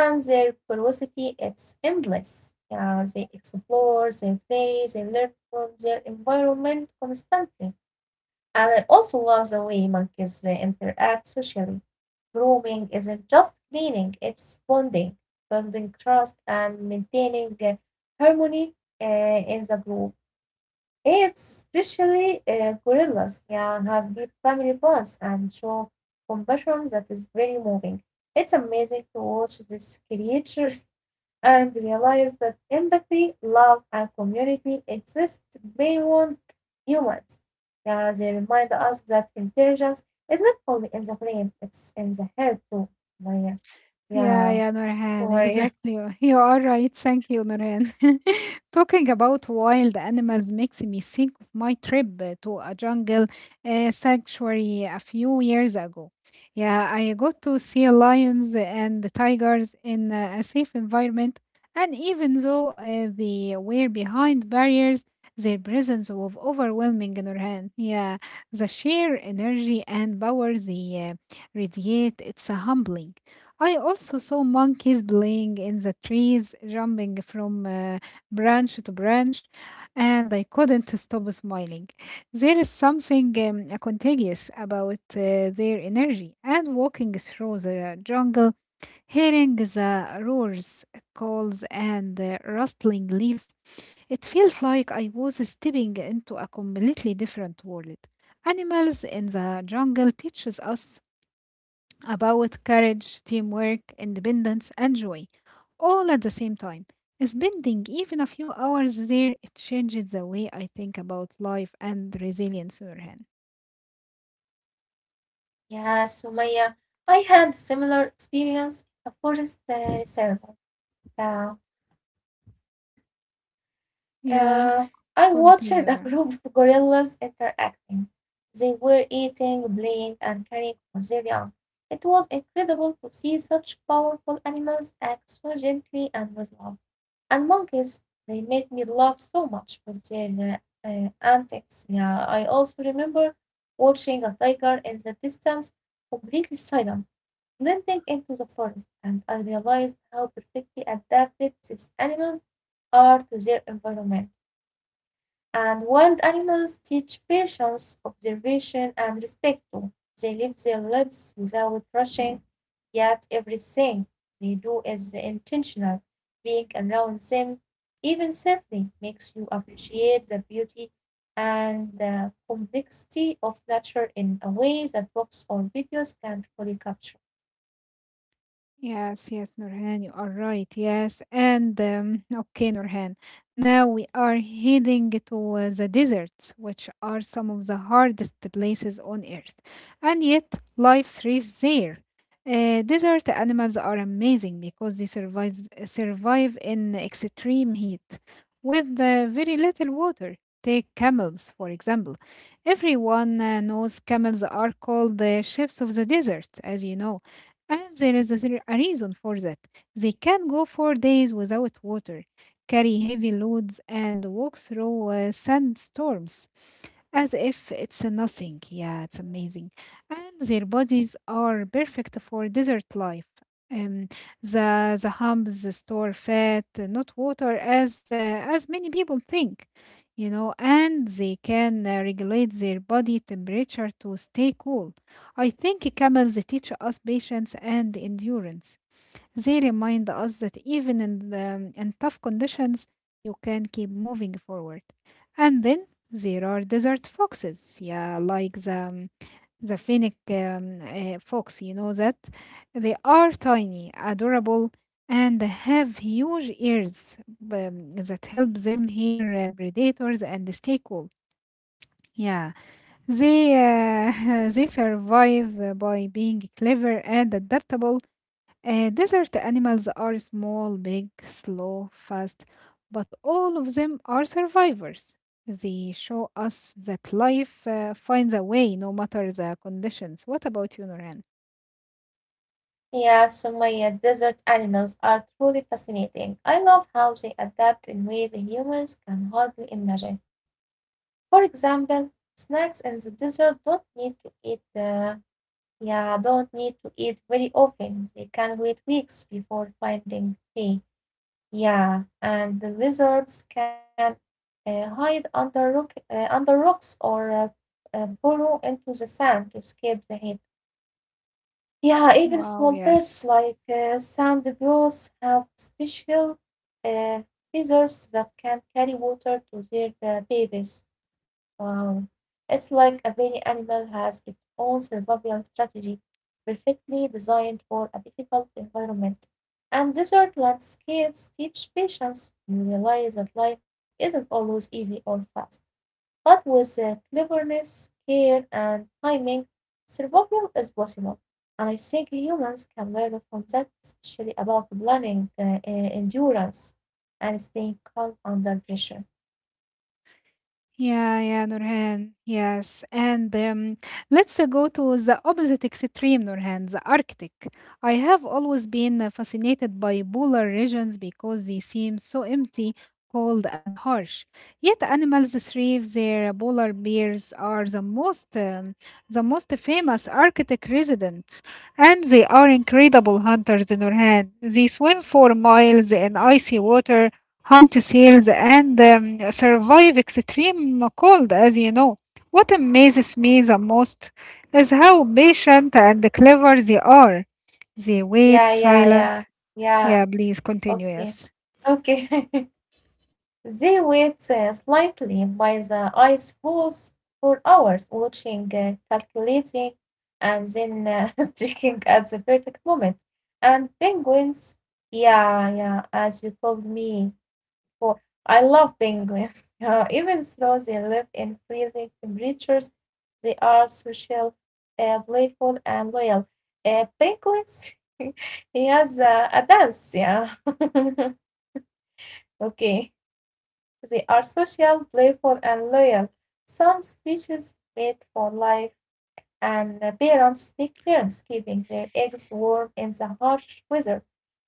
S2: And their curiosity is endless. Yeah, they explore, they play, they learn from their environment constantly. And I also love the way monkeys they interact socially. Grooming isn't just cleaning, it's bonding, building trust, and maintaining harmony uh, in the group. Apes, especially gorillas, yeah, have deep family bonds and show compassion that is very moving. It's amazing to watch these creatures and realize that empathy, love, and community exist beyond humans. Yeah, they remind us that intelligence is not only in the brain, it's in the head too. Maya.
S1: Yeah,
S2: Yeah,
S1: yeah,
S2: so
S1: Nurhan,
S2: Maya.
S1: exactly. [laughs] You are right. Thank you, Nurhan. [laughs] Talking about wild animals makes me think of my trip to a jungle sanctuary a few years ago. Yeah, I got to see lions and the tigers in a safe environment, and even though they were behind barriers, their presence was overwhelming, Nurhan. Yeah, the sheer energy and power they radiate, it's a humbling. I also saw monkeys playing in the trees, jumping from branch to branch, and I couldn't stop smiling. There is something contagious about their energy, and walking through the jungle, hearing the roars, calls, and rustling leaves, it felt like I was stepping into a completely different world. Animals in the jungle teaches us about courage, teamwork, independence, and joy, all at the same time. Spending even a few hours there, it changes the way I think about life and resilience, Nurhan.
S2: Yeah, Sumaya, I had similar experience in a forest reservoir. Yeah.
S1: Yeah,
S2: Uh, I watched
S1: continue.
S2: a [laughs] group of gorillas interacting. They were eating, playing, and caring for their young. It was incredible to see such powerful animals act so gently and with love. And monkeys, they made me laugh so much with their antics. Yeah, I also remember watching a tiger in the distance, completely silent, blending into the forest, and I realized how perfectly adapted these animals are to their environment. And wild animals teach patience, observation, and respect too. They live their lives without rushing, yet everything they do is intentional. Being around them, even safely, makes you appreciate the beauty and the complexity of nature in a way that books or videos can't fully capture.
S1: Yes, yes, Nurhan, you are right. Yes, and okay, Nurhan. Now we are heading to the deserts, which are some of the hardest places on earth, and yet life thrives there. Desert animals are amazing because they survive in extreme heat with very little water. Take camels, for example. Everyone knows camels are called the ships of the desert, as you know, and there is a reason for that. They can go for days without water, carry heavy loads, and walk through sandstorms as if it's a nothing. Yeah, it's amazing. And their bodies are perfect for desert life. Um, the humps store fat, not water, as many people think, you know. And they can regulate their body temperature to stay cool. I think camels teach us patience and endurance. They remind us that even in tough conditions, you can keep moving forward. And then there are desert foxes, yeah, like the Finnic fox, you know that? They are tiny, adorable, and have huge ears that help them hear predators and stay cool. Yeah, they [laughs] they survive by being clever and adaptable. Desert animals are small, big, slow, fast, but all of them are survivors. They show us that life finds a way no matter the conditions. What about you, Noran?
S2: Yeah, Sumaya, desert animals are truly fascinating. I love how they adapt in ways humans can hardly imagine. For example, snacks and the dessert don't need to eat the yeah, don't need to eat very often. They can wait weeks before finding prey. Yeah, and the lizards can under rocks or burrow into the sand to escape the heat. Yeah, even small
S1: Wow,
S2: birds
S1: yes.
S2: like sand grouse have special uh, feathers that can carry water to their babies. Wow. It's like every animal has its own survival strategy, perfectly designed for a difficult environment. And desert landscapes teach patience. You realize that life isn't always easy or fast. But with cleverness, care, and timing, survival is possible. And I think humans can learn from that, especially about planning, endurance, and staying calm under pressure.
S1: Yeah, yeah, Nurhan. Yes. And let's go to the opposite extreme, Nurhan, the Arctic. I have always been fascinated by polar regions because they seem so empty, cold, and harsh. Yet animals thrive there. Polar bears are the most famous Arctic residents, and they are incredible hunters, Nurhan. They swim for miles in icy water, hunt seals, and survive extreme cold, as you know. What amazes me the most is how patient and clever they are. They wait
S2: Yeah, yeah,
S1: silent.
S2: yeah, yeah.
S1: Yeah, please continue.
S2: Okay,
S1: Yes.
S2: okay. [laughs] They wait slightly by the ice falls for hours, watching, calculating, and then [laughs] striking at the perfect moment. And penguins, yeah, yeah, as you told me before, I love penguins. [laughs] Yeah, even though they live in freezing temperatures, they are social, playful, and loyal. Penguins, [laughs] he has a dance, yeah. [laughs] Okay. They are social, playful, and loyal. Some species mate for life, and parents take turns keeping their eggs warm in the harsh weather.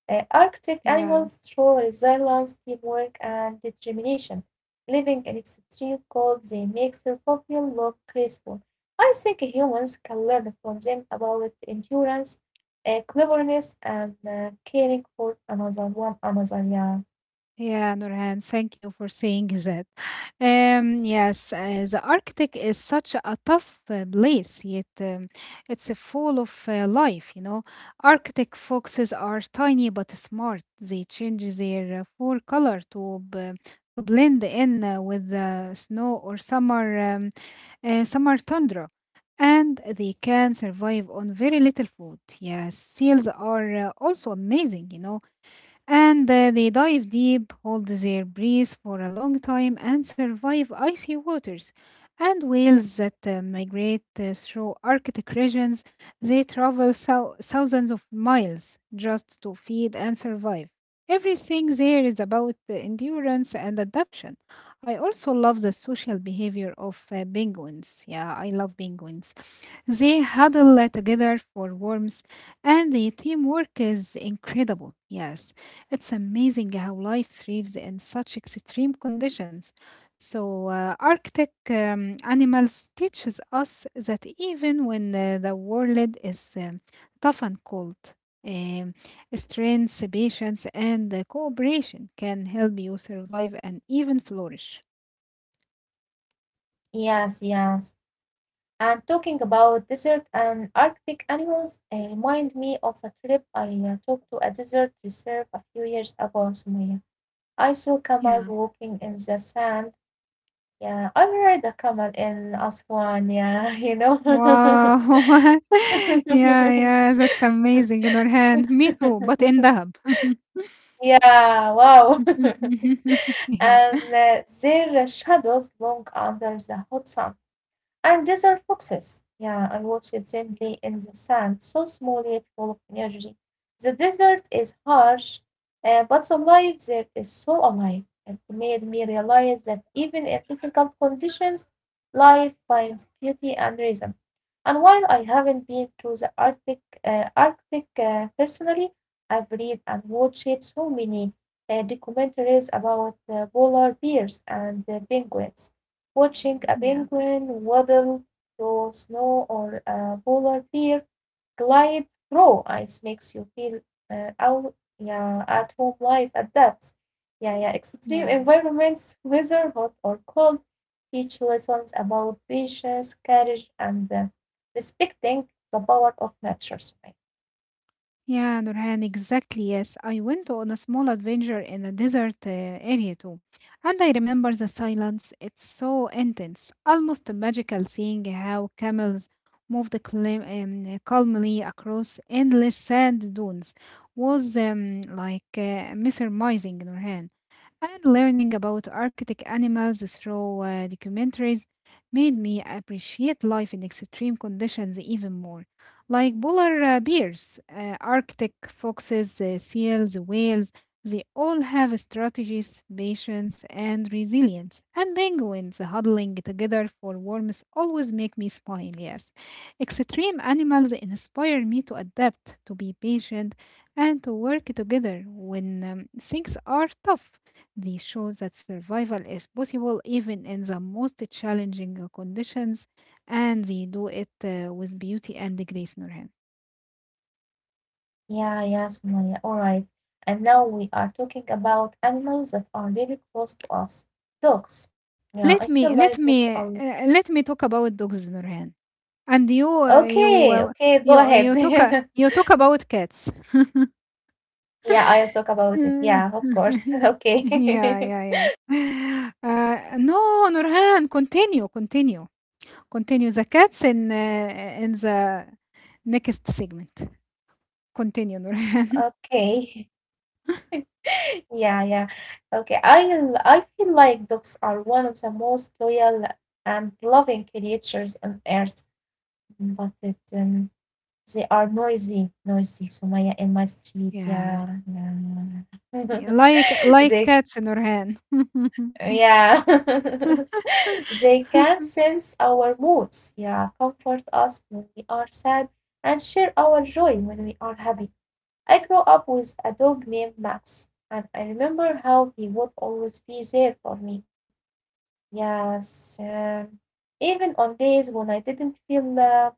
S2: Arctic
S1: Yeah.
S2: animals show resilience, teamwork, and determination. Living in extreme cold, they make survival look graceful. I think humans can learn from them about endurance, cleverness, and caring for another one another. Yeah.
S1: Yeah, Nurhan, thank you for saying that. Yes, the Arctic is such a tough place, yet it's full of life, you know. Arctic foxes are tiny but smart. They change their fur color to blend in with the snow or summer tundra. And they can survive on very little food. Yes, seals are also amazing, you know, and they dive deep, hold their breath for a long time, and survive icy waters. And whales that migrate through Arctic regions, they travel thousands of miles just to feed and survive. Everything there is about endurance and adaptation. I also love the social behavior of penguins. Yeah, I love penguins. They huddle together for warmth, and the teamwork is incredible. Yes, it's amazing how life thrives in such extreme conditions. So, Arctic animals teaches us that even when the world is tough and cold, um, strength, patience, and cooperation can help you survive and even flourish.
S2: Yes, yes. And talking about desert and Arctic animals remind me of a trip I took to a desert reserve a few years ago in Somalia. I saw camels
S1: Yeah.
S2: walking in the sand. Yeah, I ride a camel in Aswan. Yeah, [laughs] you know.
S1: Wow! [laughs] Yeah, yeah, that's amazing,
S2: [laughs]
S1: Nurhan. Me too, but in Dahab. [laughs]
S2: Yeah, wow. [laughs]
S1: Yeah,
S2: And their shadows long under the hot sun. And desert foxes. Yeah, I watched them play in the sand, so small yet full of energy. The desert is harsh, but the life there is so alive. It made me realize that even in difficult conditions, life finds beauty and rhythm. And while I haven't been to the Arctic, personally, I've read and watched so many documentaries about polar bears and penguins. Watching a
S1: yeah,
S2: penguin waddle through snow or a polar bear glide through ice makes you feel uh, out yeah, at home life adapts. Yeah, yeah. Extreme
S1: yeah.
S2: environments, whether hot or cold, teach lessons about patience, courage, and respecting the power of nature. Sumaya.
S1: Yeah, Nurhan, exactly. Yes, I went on a small adventure in a desert area too. And I remember the silence. It's so intense, almost magical. Seeing how camels moved calmly across endless sand dunes was like mesmerizing, Nurhan. And learning about Arctic animals through documentaries made me appreciate life in extreme conditions even more, like polar bears, Arctic foxes, seals, whales. They all have strategies, patience, and resilience. And penguins huddling together for warmth always make me smile, yes. Extreme animals inspire me to adapt, to be patient, and to work together when things are tough. They show that survival is possible even in the most challenging conditions, and they do it with beauty and grace, Nurhan.
S2: Yeah, yeah, Sumaya. All right. And now we are talking about animals that are really close to us. Dogs. Yeah,
S1: Let
S2: I
S1: me
S2: feel
S1: let
S2: like dogs
S1: me
S2: are
S1: uh, let me talk about dogs, Nurhan. And you uh, you
S2: okay,
S1: uh,
S2: okay, go
S1: you you
S2: ahead.
S1: talk
S2: [laughs]
S1: you talk about cats.
S2: Yeah, I'll talk about it.
S1: Yeah,
S2: Yeah, of
S1: [laughs]
S2: course. [laughs] Okay.
S1: yeah,
S2: [laughs]
S1: yeah. [gasps] yeah. [laughs] No, Nurhan, continue, continue, continue the cats in the next segment. Continue, Nurhan.
S2: Okay. [laughs] Yeah, yeah. Okay. I feel like dogs are one of the most loyal and loving creatures on earth, but they are noisy, noisy, Sumaya, in my
S1: [laughs]
S2: street.
S1: Yeah.
S2: Yeah, yeah. [laughs]
S1: Like
S2: They
S1: cats in her hand. [laughs]
S2: Yeah. [laughs] They can sense our moods, yeah, comfort us when we are sad, and share our joy when we are happy. I grew up with a dog named Max, and I remember how he would always be there for me. Yes, even on days when I didn't feel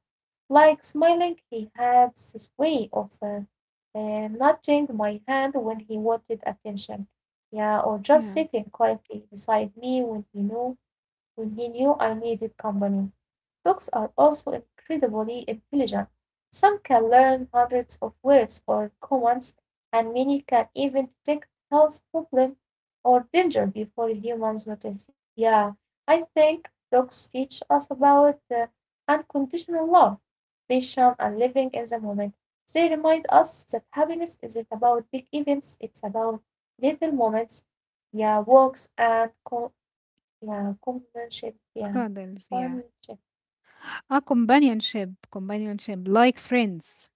S2: like smiling, he had this way of and nudging my hand when he wanted attention, yeah, or just
S1: Yeah,
S2: sitting quietly beside me when he knew I needed company. Dogs are also incredibly intelligent. Some can learn hundreds of words or commands, and many can even detect health problems or danger before humans notice. Yeah, I think dogs teach us about unconditional love, patience, and living in the moment. They remind us that happiness isn't about big events, it's about little moments, yeah, yeah, companionship. Yeah,
S1: cuddles,
S2: companionship.
S1: yeah. A companionship, companionship, like friends,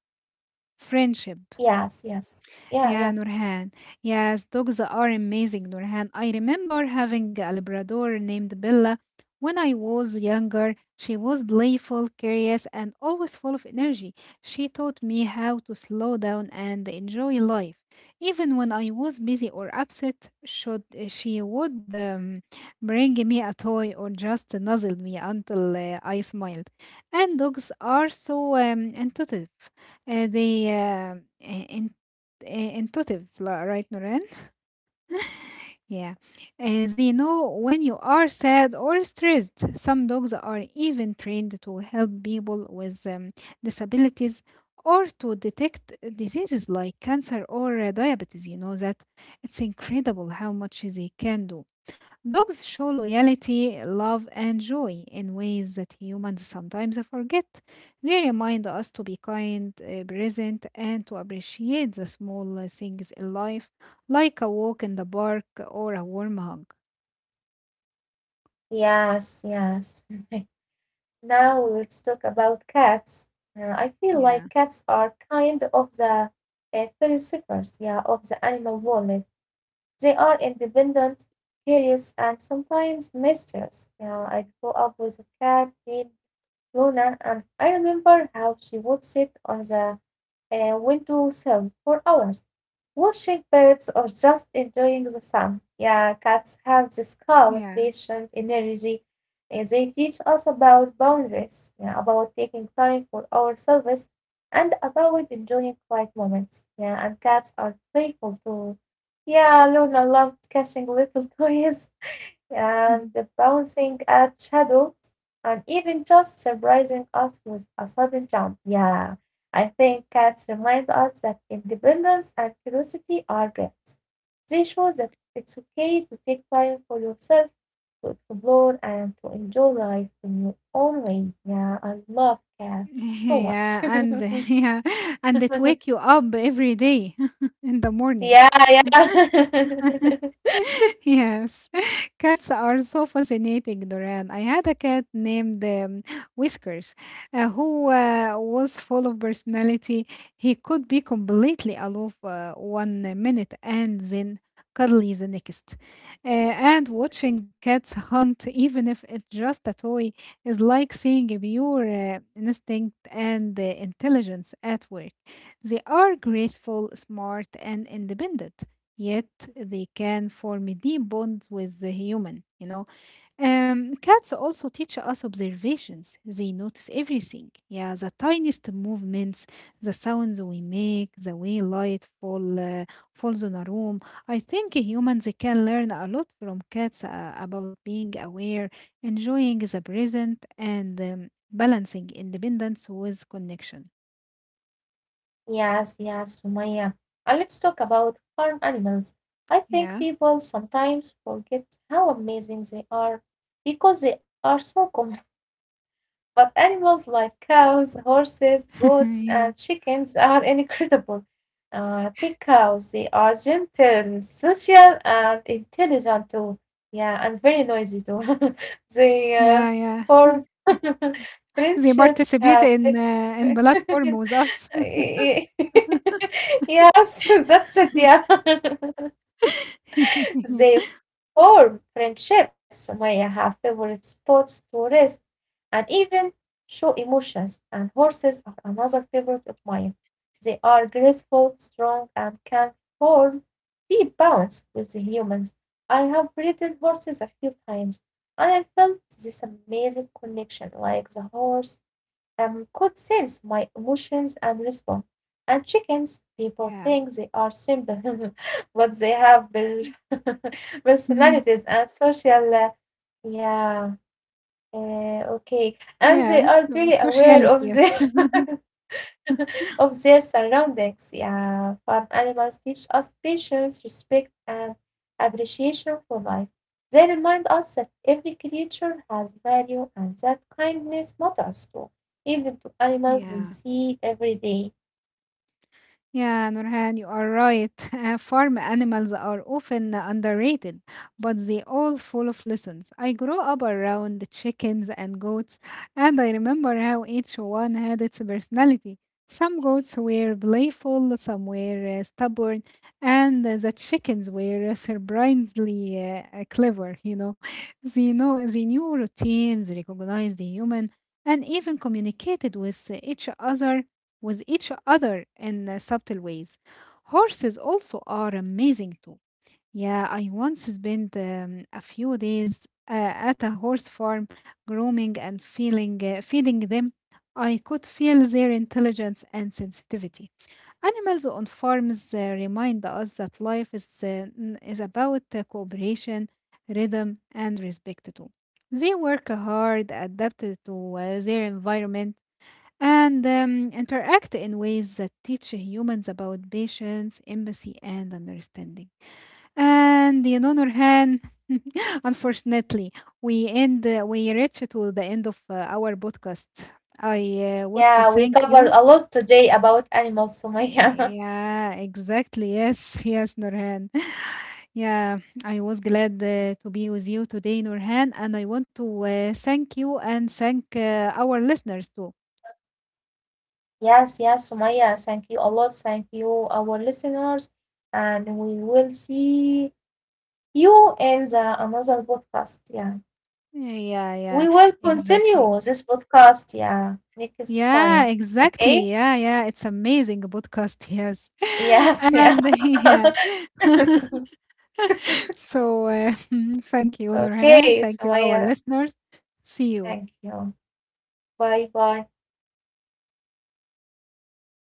S1: friendship.
S2: Yes, yes. Yeah, yeah.
S1: Yeah, Nurhan. Yes, dogs are amazing, Nurhan. I remember having a Labrador named Bella when I was younger. She was playful, curious, and always full of energy. She taught me how to slow down and enjoy life. Even when I was busy or upset, should she would bring me a toy or just nuzzle me until I smiled. And dogs are so intuitive. They uh, uh, Intuitive, right, Noreen? Yeah. They know when you are sad or stressed. Some dogs are even trained to help people with disabilities or to detect diseases like cancer or diabetes. You know that it's incredible how much they can do. Dogs show loyalty, love, and joy in ways that humans sometimes forget. They remind us to be kind, present, and to appreciate the small things in life, like a walk in the park or a warm hug.
S2: Yes, yes. [laughs] Now let's talk about cats. I feel like
S1: Yeah,
S2: cats are kind of the philosophers, yeah, of the animal world. They are independent, curious, and sometimes mischievous. Yeah, I grew up with a cat named Luna, and I remember how she would sit on the a window sill for hours, watching birds or just enjoying the sun. Yeah, cats have this
S1: yeah,
S2: calm, patient energy. And they teach us about boundaries, yeah, about taking time for ourselves, and about enjoying quiet moments. Yeah, and cats are playful too. Yeah, Luna loved catching little [laughs] toys and
S1: mhm.
S2: the bouncing at shadows, and even just surprising us with a sudden jump. Yeah, I think cats remind us that independence and curiosity are gifts. They show that it's okay to take time for yourself, to explore and to enjoy life in your own way. Yeah, I love
S1: [laughs]
S2: cats so much.
S1: Yeah, and [laughs] yeah, and it wake you up every day [laughs] in the morning.
S2: [laughs] yeah, yeah.
S1: [laughs]
S2: [laughs]
S1: Yes, [laughs] cats are so fascinating, Doran. I had a cat named Whiskers who was full of personality. He could be completely aloof one minute and then cuddly the next. Uh, and watching cats hunt, even if it's just a toy, is like seeing a pure instinct and intelligence at work. They are graceful, smart, and independent, yet they can form a deep bond with the human, you know. Cats also teach us observations. They notice everything, yeah, the tiniest movements, the sounds we make, the way light fall falls on a room. I think humans can learn a lot from cats about being aware, enjoying the present, and balancing independence with connection.
S2: Yes, yes, Sumaya. And let's talk about farm animals. I think
S1: Yeah.
S2: people sometimes forget how amazing they are because they are so common. [laughs] But animals like cows, horses,
S1: [laughs]
S2: goats,
S1: Yeah,
S2: and chickens are [laughs] incredible. Take cows, they are gentle, social, and intelligent too. Yeah, and very noisy too. [laughs] they
S1: yeah, yeah.
S2: form
S1: [laughs]
S2: [laughs]
S1: They
S2: friendships, have
S1: participate
S2: [laughs] Y-
S1: in platform with us.
S2: y- [laughs] Yes, [laughs] that's it. Yeah. [laughs]
S1: [laughs]
S2: They form friendships, Maya have favorite spots to rest, and even show emotions. And horses are another favorite of mine. They are graceful, strong, and can form deep bonds with the humans. I have ridden horses a few times, and I felt this amazing connection, like the horse could sense my emotions and respond. And chickens,
S1: Yeah.
S2: people
S1: Yeah.
S2: think they are simple, [laughs] but they have per- [laughs]
S1: [laughs]
S2: personalities and social. Yeah, okay. And they
S1: Yeah.
S2: are
S1: So
S2: very aware
S1: sociality,
S2: of
S1: yes.
S2: their
S1: [laughs]
S2: [laughs] of their surroundings. Yeah, farm animals teach us patience, respect, and appreciation for life. They remind us that every creature has value and that kindness matters too, even to animals we
S1: Yeah.
S2: see every day.
S1: Yeah, Nurhan, you are right. [laughs] Farm animals are often underrated, but they all full of lessons. I grew up around the chickens and goats, and I remember how each one had its personality. Some goats were playful, some were stubborn, and the chickens were [laughs] surprisingly clever. You know, [laughs] they knew routines, recognized the human, and even communicated with each other in subtle ways. Horses also are amazing too. Yeah, I once spent a few days at a horse farm grooming and feeding them. I could feel their intelligence and sensitivity. Animals on farms remind us that life is about cooperation, rhythm, and respect too. They work hard, adapted to their environment, and interact in ways that teach humans about patience, empathy, and understanding. And you know, Nurhan, [laughs] unfortunately, we reach to the end of our podcast. I want to
S2: Yeah, we
S1: thank
S2: covered
S1: you.
S2: a lot today about animals, Sumaya.
S1: Yeah, exactly. Yes, [laughs] yes, Nurhan. [laughs] Yeah, I was glad to be with you today, Nurhan, and I want to thank you and thank our listeners too.
S2: [laughs] yes, yes, Sumaya. Thank you a lot. Thank you, our listeners. And we will see you in the another podcast. Yeah.
S1: Yeah, yeah, yeah,
S2: We will
S1: exactly.
S2: continue this podcast, yeah, next time.
S1: Yeah,
S2: Okay?
S1: exactly. Yeah, yeah. It's amazing podcast, yes. [laughs]
S2: Yes, yeah.
S1: And [laughs] yeah. [laughs]
S2: [laughs]
S1: So [laughs] thank you, Nurhan.
S2: okay,
S1: Thank you, our
S2: Sumaya,
S1: listeners. See
S2: thank
S1: you.
S2: you. Bye bye.